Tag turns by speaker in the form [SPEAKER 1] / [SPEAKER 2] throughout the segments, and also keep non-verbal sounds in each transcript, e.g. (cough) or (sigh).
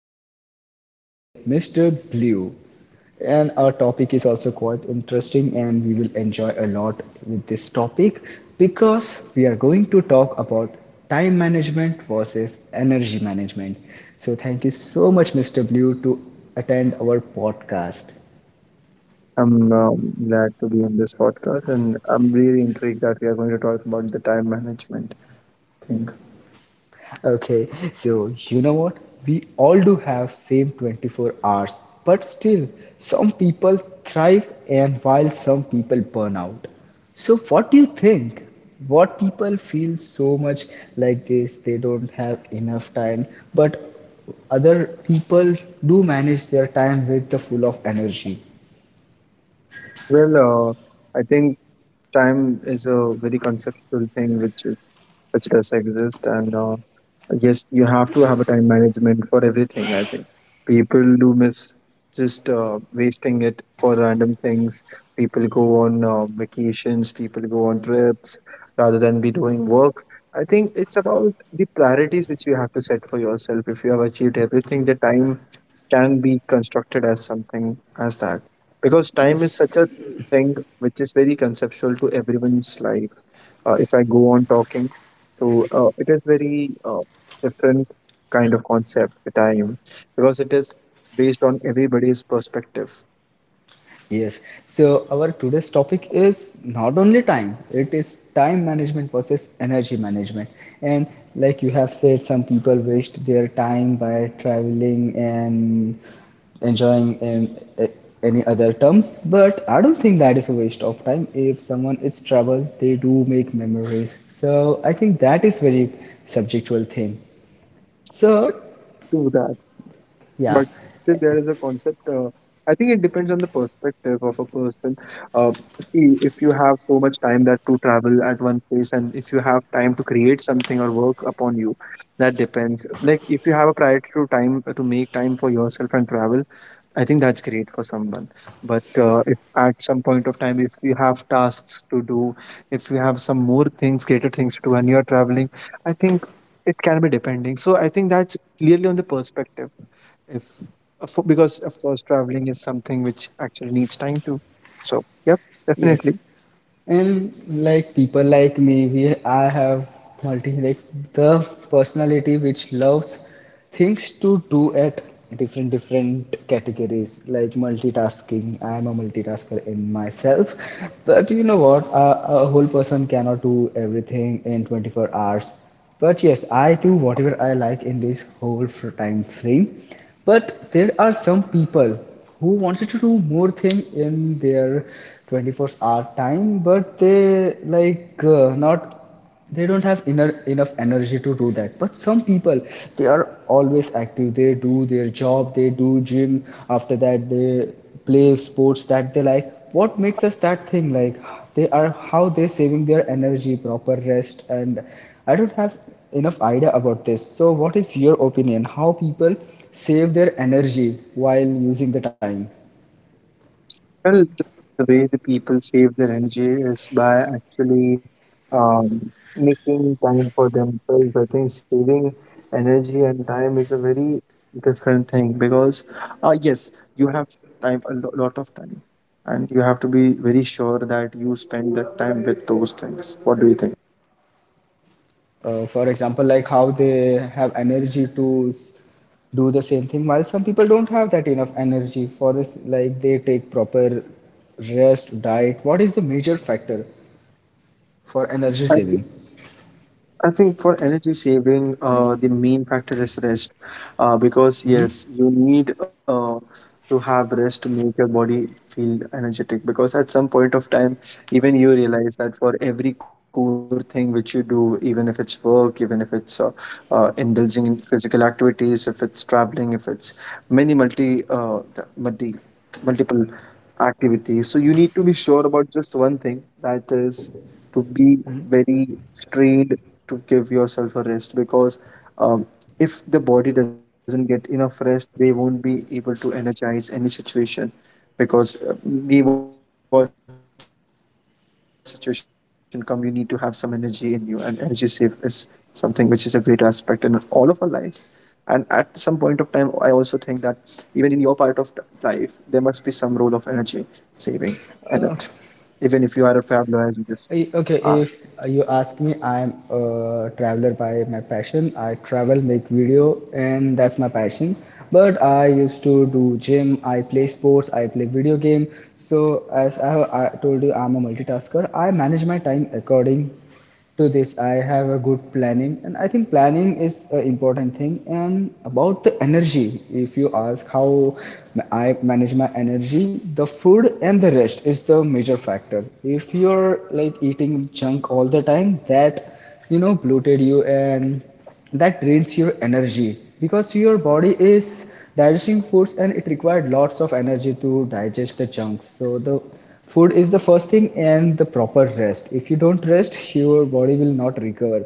[SPEAKER 1] a special guest today, Mr. Blue. And our topic is also quite interesting and we will enjoy a lot with this topic because we are going to talk about time management versus energy management. So thank you so much Mr. Blue to attend our podcast.
[SPEAKER 2] I'm glad to be in this podcast, and I'm really intrigued that we are going to talk about the time management thing.
[SPEAKER 1] Okay, so you know what? We all do have same 24 hours, but still some people thrive and while some people burn out. So what do you think? What people feel so much like this, they don't have enough time, but other people do manage their time with the full of energy.
[SPEAKER 2] Well, I think time is a very conceptual thing which is which does exist and yes you have to have a time management for everything. I think people do miss just wasting it for random things. People go on vacations, people go on trips rather than be doing work. I think it's about the priorities which you have to set for yourself. If you have achieved everything, the time can be constructed as something, as that, because time is such a thing which is very conceptual to everyone's life. If I go on talking, so it is very different kind of concept, the time, because it is based on everybody's perspective.
[SPEAKER 1] Yes. So our today's topic is not only time, it is time management versus energy management. And like you have said, some people waste their time by traveling and enjoying a- any other terms. But I don't think that is a waste of time. If someone is travel, they do make memories. So I think that is very subjectual thing. So
[SPEAKER 2] True that.
[SPEAKER 1] yeah.
[SPEAKER 2] But still there is a concept. I think it depends on the perspective of a person. uh, See, if you have so much time that to travel at one place, and if you have time to create something or work upon you, that depends. Like if you have a priority to time to make time for yourself and travel, I think that's great for someone. But if at some point of time, if you have tasks to do, if you have some more things, greater things to do, and you're traveling, I think it can be depending. So I think that's clearly on the perspective. If of- Because of course traveling is something which actually needs time to. So yep,
[SPEAKER 1] Yes.
[SPEAKER 2] definitely.
[SPEAKER 1] And like people like me, we I have multi like the personality which loves things to do at different different categories like multitasking. I am a multitasker in myself, but you know what? A whole person cannot do everything in 24 hours. But yes, I do whatever I like in this whole time frame. But there are some people who wanted to do more thing in their 24-hour time, but they like not they don't have enough energy to do that, but some people they are always active, they do their job, they do gym, after that they play sports that they like. What makes us that thing like they are how they're saving their energy, proper rest, and I don't have enough idea about this. So what is your opinion, how people save their energy while using the time?
[SPEAKER 2] Well, the way the people save their energy is by actually making time for themselves. I think saving energy and time is a very different thing because, yes, you have time, a lot of time, and you have to be very sure that you spend that time with those things. What do you think?
[SPEAKER 1] For example, like how they have energy to do the same thing while some people don't have that enough energy for this, like they take proper rest, diet. What is the major factor for energy
[SPEAKER 2] I
[SPEAKER 1] saving?
[SPEAKER 2] I think for energy saving, the main factor is rest, because yes, you need to have rest to make your body feel energetic. Because at some point of time, even you realize that for every core thing which you do, even if it's work, even if it's indulging in physical activities, if it's traveling, if it's many multiple activities, so you need to be sure about just one thing, that is to be very strained to give yourself a rest, because um, if the body doesn't get enough rest, they won't be able to energize any situation, because be what situation come, you need to have some energy in you, and energy save is something which is a greater aspect in all of our lives. And at some point of time, I also think that even in your part of life, there must be some role of energy saving in it, even if you are a traveler, as you just are.
[SPEAKER 1] Okay, if you ask me, I'm a traveler by my passion. I travel, make video, and that's my passion. But I used to do gym, I play sports, I play video game. So as I told you, I'm a multitasker. I manage my time according to this. I have a good planning and I think planning is an important thing. And about the energy, if you ask how I manage my energy, the food and the rest is the major factor. If you're like eating junk all the time, that you know bloated you, and that drains your energy because your body is digesting foods and it required lots of energy to digest the junk. So the food is the first thing and the proper rest. If you don't rest (laughs) your body will not recover.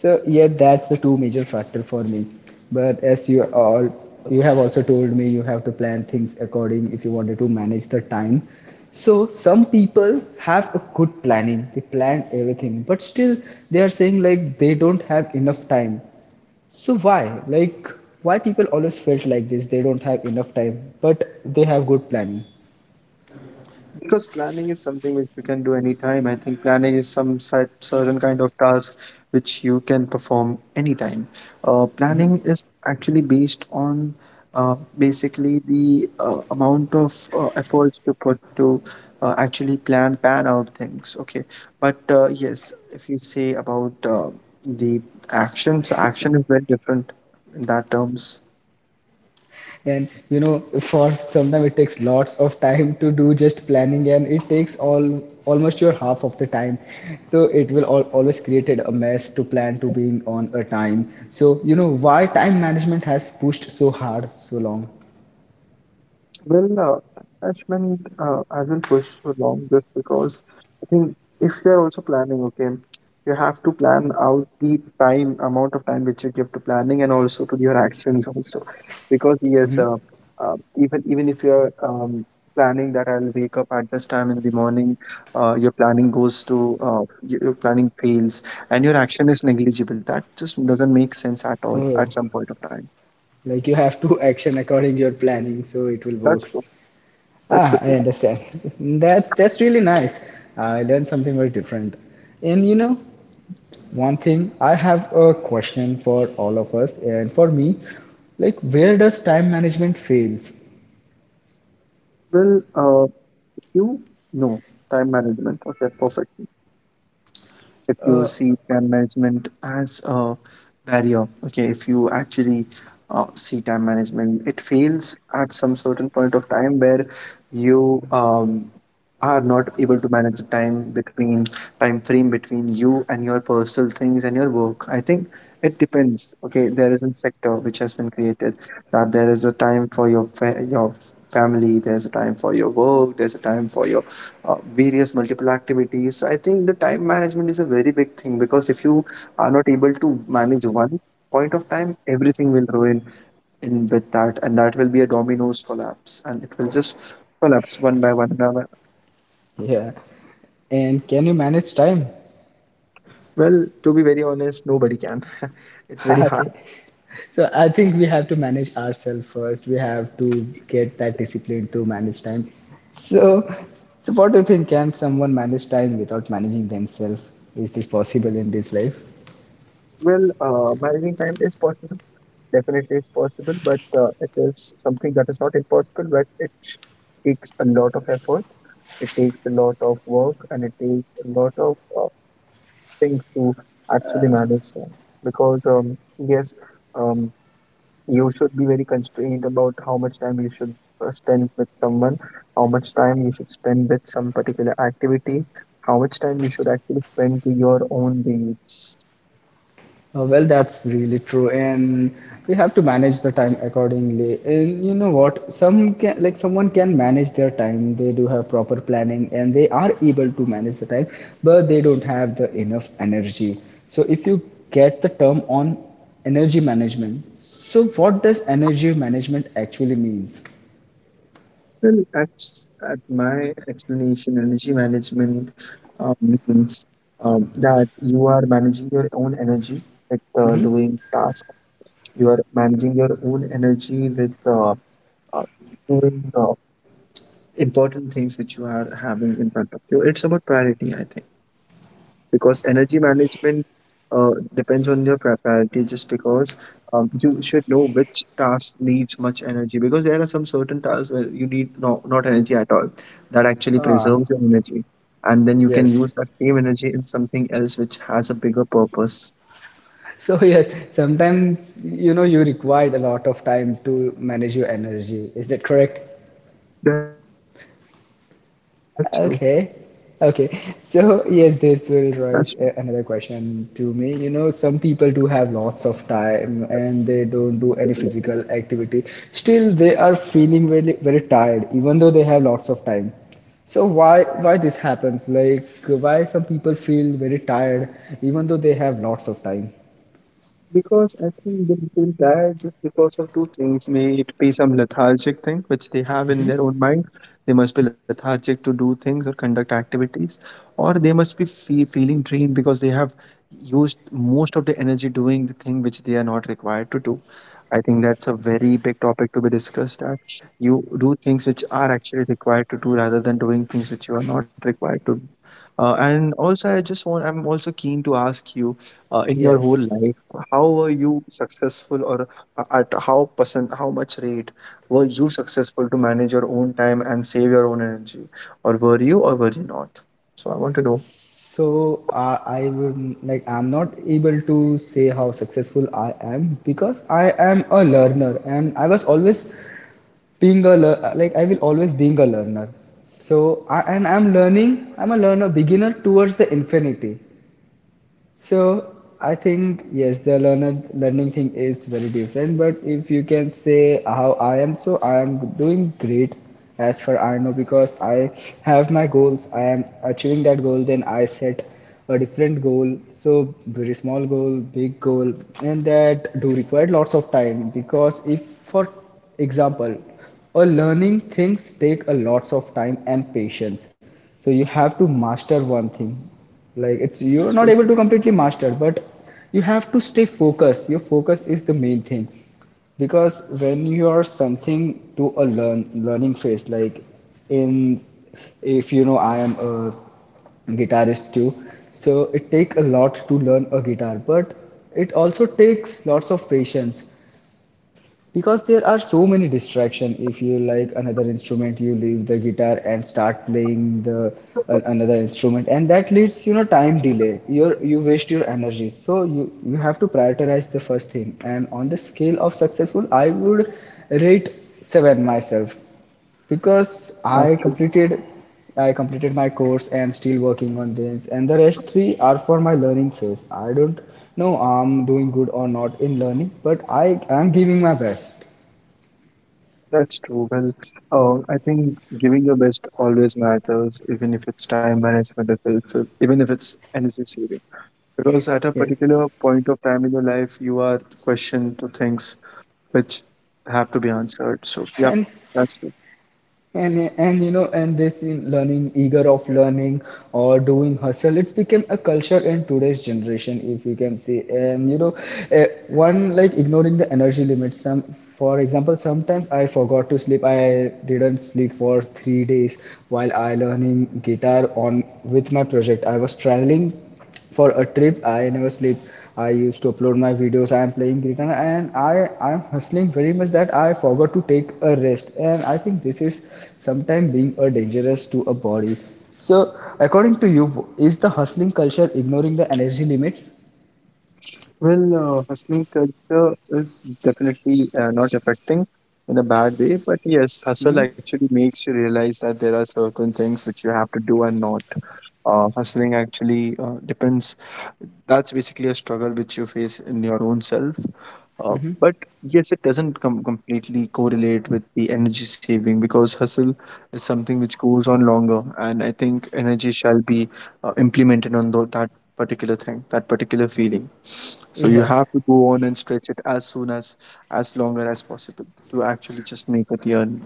[SPEAKER 1] So yeah, that's the two major factor for me. But as you have also told me, you have to plan things according if you wanted to manage the time. So some people have a good planning. They plan everything, but still they are saying like they don't have enough time. So why? Like why people always felt like this? They don't have enough time, but they have good planning.
[SPEAKER 2] Because planning is something which you can do anytime. I think planning is some certain kind of task which you can perform anytime. Planning is actually based on basically the amount of efforts to put to actually plan, pan out things. Okay. But yes, if you say about the action, so action is very different in that terms.
[SPEAKER 1] And you know, for sometimes it takes lots of time to do just planning, and it takes all almost your half of the time. So it will always created a mess to plan to being on a time. So you know why time management has pushed so hard so long.
[SPEAKER 2] Well, attachment, I will push so long just because I think if you're also planning, okay, you have to plan out the time, amount of time which you give to planning and also to your actions also. Because yes,
[SPEAKER 1] Mhm.
[SPEAKER 2] uh, even if you're planning that I'll wake up at this time in the morning, your planning goes to your planning fails and your action is negligible. That just doesn't make sense at all at
[SPEAKER 1] Oh,
[SPEAKER 2] some point of time.
[SPEAKER 1] like you have to (laughs) action according to your planning, so it will
[SPEAKER 2] That's
[SPEAKER 1] works.
[SPEAKER 2] true. That should
[SPEAKER 1] Ah,
[SPEAKER 2] be.
[SPEAKER 1] I understand. (laughs) That's really nice. I learned something very different. And you know, one thing, I have a question for all of us and for me, like where does time management fails?
[SPEAKER 2] Well, you know, time management, okay, perfect. If you
[SPEAKER 1] Uh,
[SPEAKER 2] see time management as a barrier, okay, if you actually see time management, it fails at some certain point of time where you are not able to manage the time between time frame between you and your personal things and your work. I think it depends. Okay, there is a sector which has been created, that there is a time for your your family, there's a time for your work, there's a time for your uh, various multiple activities. So I think the time management is a very big thing, because if you are not able to manage one point of time, everything will ruin in with that, and that will be a dominoes collapse, and it will just collapse one by one.
[SPEAKER 1] yeah. And can you manage time?
[SPEAKER 2] Well, to be very honest, nobody can. (laughs) It's
[SPEAKER 1] (laughs)
[SPEAKER 2] very
[SPEAKER 1] Okay.
[SPEAKER 2] hard.
[SPEAKER 1] So I think we have to manage ourselves first. We have to get that discipline to manage time. So, so what do you think? Can someone manage time without managing themselves? Is this possible in this life?
[SPEAKER 2] Well, managing time is possible. Definitely is possible, but it is something that is not impossible, but it takes a lot of effort. It takes a lot of work and it takes a lot of things to actually manage time. Because, yes, um, you should be very constrained about how much time you should spend with someone, how much time you should spend with some particular activity, how much time you should actually spend to your own needs.
[SPEAKER 1] Well, that's really true, and we have to manage the time accordingly. And you know what? Some can, like someone can manage their time. They do have proper planning, and they are able to manage the time, but they don't have the enough energy. So, if you get the term on energy management, so what does energy management actually means?
[SPEAKER 2] Well, that's at my explanation. Energy management means that you are managing your own energy with doing tasks. You are managing your own energy with uh, doing important things which you are having in front of you. It's about priority, I think. Because energy management depends on your priority, just because you should know which task needs much energy, because there are some certain tasks where you need no, not energy at all, that actually
[SPEAKER 1] Ah,
[SPEAKER 2] preserves your energy, and then you can
[SPEAKER 1] yes.
[SPEAKER 2] use
[SPEAKER 1] (laughs)
[SPEAKER 2] that same energy in something else which has a bigger purpose.
[SPEAKER 1] So yes, sometimes you know you required a lot of time to manage your energy. Is that correct?
[SPEAKER 2] That's true.
[SPEAKER 1] Okay. Okay.
[SPEAKER 2] That's true.
[SPEAKER 1] So, yes, this will raise another question to me. You know, some people do have lots of time and they don't do any physical activity. Still, they are feeling very, very tired, even though they have lots of time. So why this happens? Like why some people feel very tired even though they have lots of time?
[SPEAKER 2] Because I think they feel tired just because of two things. May it be some lethargic thing which they have in their own mind. They must be lethargic to do things or conduct activities, or they must be feeling drained because they have used most of the energy doing the thing which they are not required to do. I think that's a very big topic to be discussed. That you do things which are actually required to do rather than doing things which you are not required to do. And also, I just want. I'm also keen to ask you in your
[SPEAKER 1] Yes.
[SPEAKER 2] whole life, how were you successful, or at how percent, how much rate were you successful to manage your own time and save your own energy, or were you not? So I want to know.
[SPEAKER 1] So I will like I'm not able to say how successful I am because I am a learner and I was always being a like I will always being a learner. So I and I'm learning. I'm a learner beginner towards the infinity. So I think yes, the learner learning thing is very different. But if you can say how I am, so I am doing great as far I know because I have my goals. I am achieving that goal. Then I set a different goal. So very small goal, big goal, and that do require lots of time because if for example or learning things take a lots of time and patience, so you have to master one thing, like it's you're
[SPEAKER 2] That's
[SPEAKER 1] not
[SPEAKER 2] true.
[SPEAKER 1] able to completely master, but you have to stay focused. Your focus is the main thing because when you are something to a learn learning phase, like in, if you know I am a guitarist too. So it takes a lot to learn a guitar, but it also takes lots of patience because there are so many distraction. If you like another instrument, you leave the guitar and start playing the another instrument, and that leads you know time delay, your you waste your energy. So you have to prioritize the first thing. And on the scale of successful, I would rate 7 myself because
[SPEAKER 2] That's true.
[SPEAKER 1] I completed my course and still working on this, and the rest three are for my learning phase. I don't know I'm doing good or not in learning, but I am giving my best.
[SPEAKER 2] That's true. Well, I think giving your best always matters, even if it's time management, if it's, even if it's energy saving, because at a
[SPEAKER 1] Yes.
[SPEAKER 2] particular point of time in your life you are questioned to things which have to be answered. So yeah,
[SPEAKER 1] And
[SPEAKER 2] that's
[SPEAKER 1] and you know, and this in learning, eager of learning or doing hustle, it's become a culture in today's generation, if you can see. And you know, one like ignoring the energy limits. Some, for example, sometimes I forgot to sleep. I didn't sleep for 3 days while I learning guitar on with my project. I was traveling for a trip, I never sleep, I used to upload my videos, I am playing guitar, and i am hustling very much that I forgot to take a rest. And I think this is sometime being a dangerous to a body. So according to you, is the hustling culture ignoring the energy limits?
[SPEAKER 2] Well, hustling culture is definitely not affecting in a bad way, but yes,
[SPEAKER 1] Hmm.
[SPEAKER 2] hustle actually makes you realize that there are certain things which you have to do and not. Hustling actually depends. That's basically a struggle which you face in your own self.
[SPEAKER 1] Hmm.
[SPEAKER 2] But yes, it doesn't completely correlate with the energy saving, because hustle is something which goes on longer, and I think energy shall be implemented on that particular thing, that particular feeling. So you
[SPEAKER 1] Yes.
[SPEAKER 2] have to go on and stretch it as soon as longer as possible to actually just make it yearn.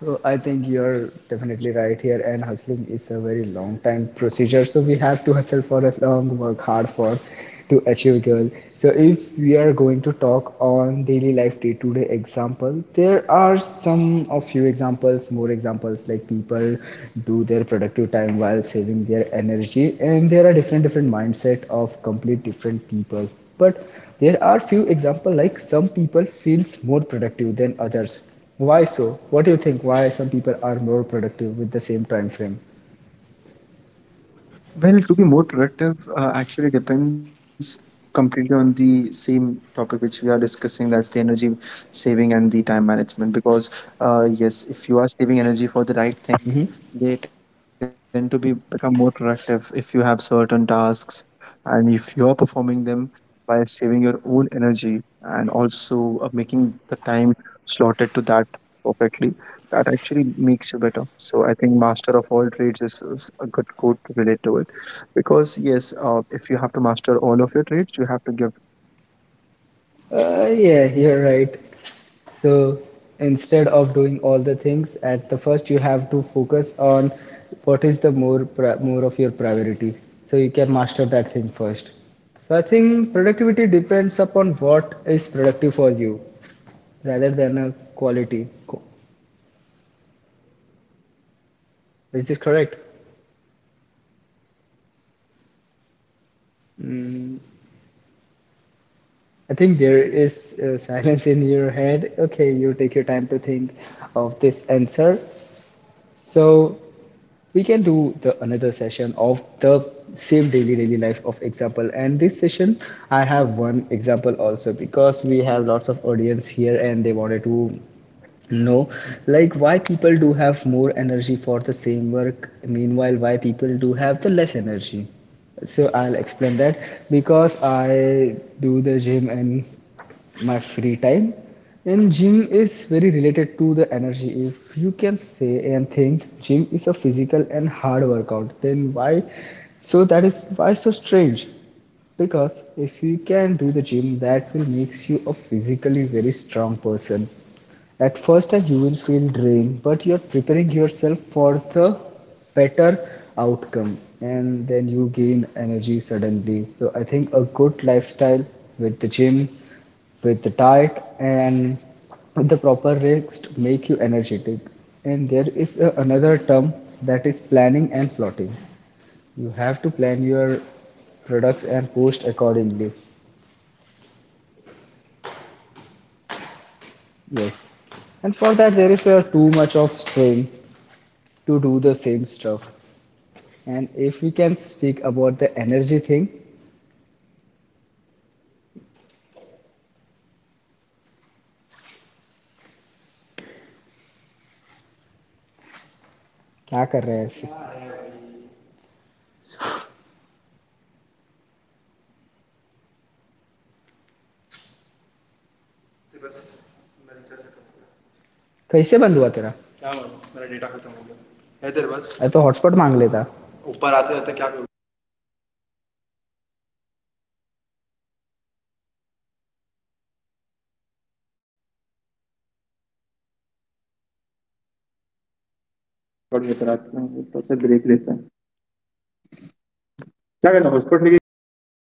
[SPEAKER 1] So I think you're definitely right here, and hustling is a very long time procedure. So we have to hustle for a long, work hard for to achieve goal. So if we are going to talk on daily life day-to-day example, there are some of few examples, more examples like people do their productive time while saving their energy, and there are different different mindset of complete different peoples. But there are few example like some people feels more productive than others, why so? What do you think? Why some people are more productive with the same time frame?
[SPEAKER 2] Well, to be more productive, actually depends completely on the same topic which we are discussing. That's the energy saving and the time management. Because yes, if you are saving energy for the right things, they tend to
[SPEAKER 1] Hmm.
[SPEAKER 2] be become more productive. If you have certain tasks and if you are performing them by saving your own energy and also making the time slotted to that perfectly, that actually makes you better. So I think master of all trades is a good quote to relate to it, because yes, if you have to master all of your trades, you have to give time to specific individuals, the
[SPEAKER 1] Yeah,
[SPEAKER 2] individual
[SPEAKER 1] you're right.
[SPEAKER 2] activities, the
[SPEAKER 1] So
[SPEAKER 2] proper subject
[SPEAKER 1] instead
[SPEAKER 2] to
[SPEAKER 1] of
[SPEAKER 2] subject
[SPEAKER 1] doing all the things at
[SPEAKER 2] portions.
[SPEAKER 1] the
[SPEAKER 2] I
[SPEAKER 1] first, you
[SPEAKER 2] think that's
[SPEAKER 1] have to
[SPEAKER 2] very
[SPEAKER 1] focus
[SPEAKER 2] important to do
[SPEAKER 1] on
[SPEAKER 2] that
[SPEAKER 1] what
[SPEAKER 2] at
[SPEAKER 1] is the
[SPEAKER 2] some point of time.
[SPEAKER 1] more of your priority, so you can master that thing first. So I think productivity depends upon what is productive for you, rather than a quality. Co- Is this correct? Mm, I think there is silence in your head. Okay, you take your time to think of this answer. So we can do the another session of the same daily daily life of example. And this session, I have one example also because we have lots of audience here and they wanted to no, like why people do have more energy for the same work, meanwhile, why people do have the less energy. So I'll explain that because I do the gym in my free time, and gym is very related to the energy. If you can say and think gym is a physical and hard workout, then why? So that is why so strange because if you can do the gym, that will makes you a physically very strong person. At first, you will feel drained, but you're preparing yourself for the better outcome, and then you gain energy suddenly. So, I think a good lifestyle with the gym, with the diet, and the proper rest make you energetic. And there is a, another term that is planning and plotting. You have to plan your products and post accordingly. Yes. And for that, there is a too much of saying to do the same stuff. And if we can speak about the energy thing क्या कर रहे हैं ऐसे कैसे बंद हुआ तेरा अरे तो हॉटस्पॉट मांग लेता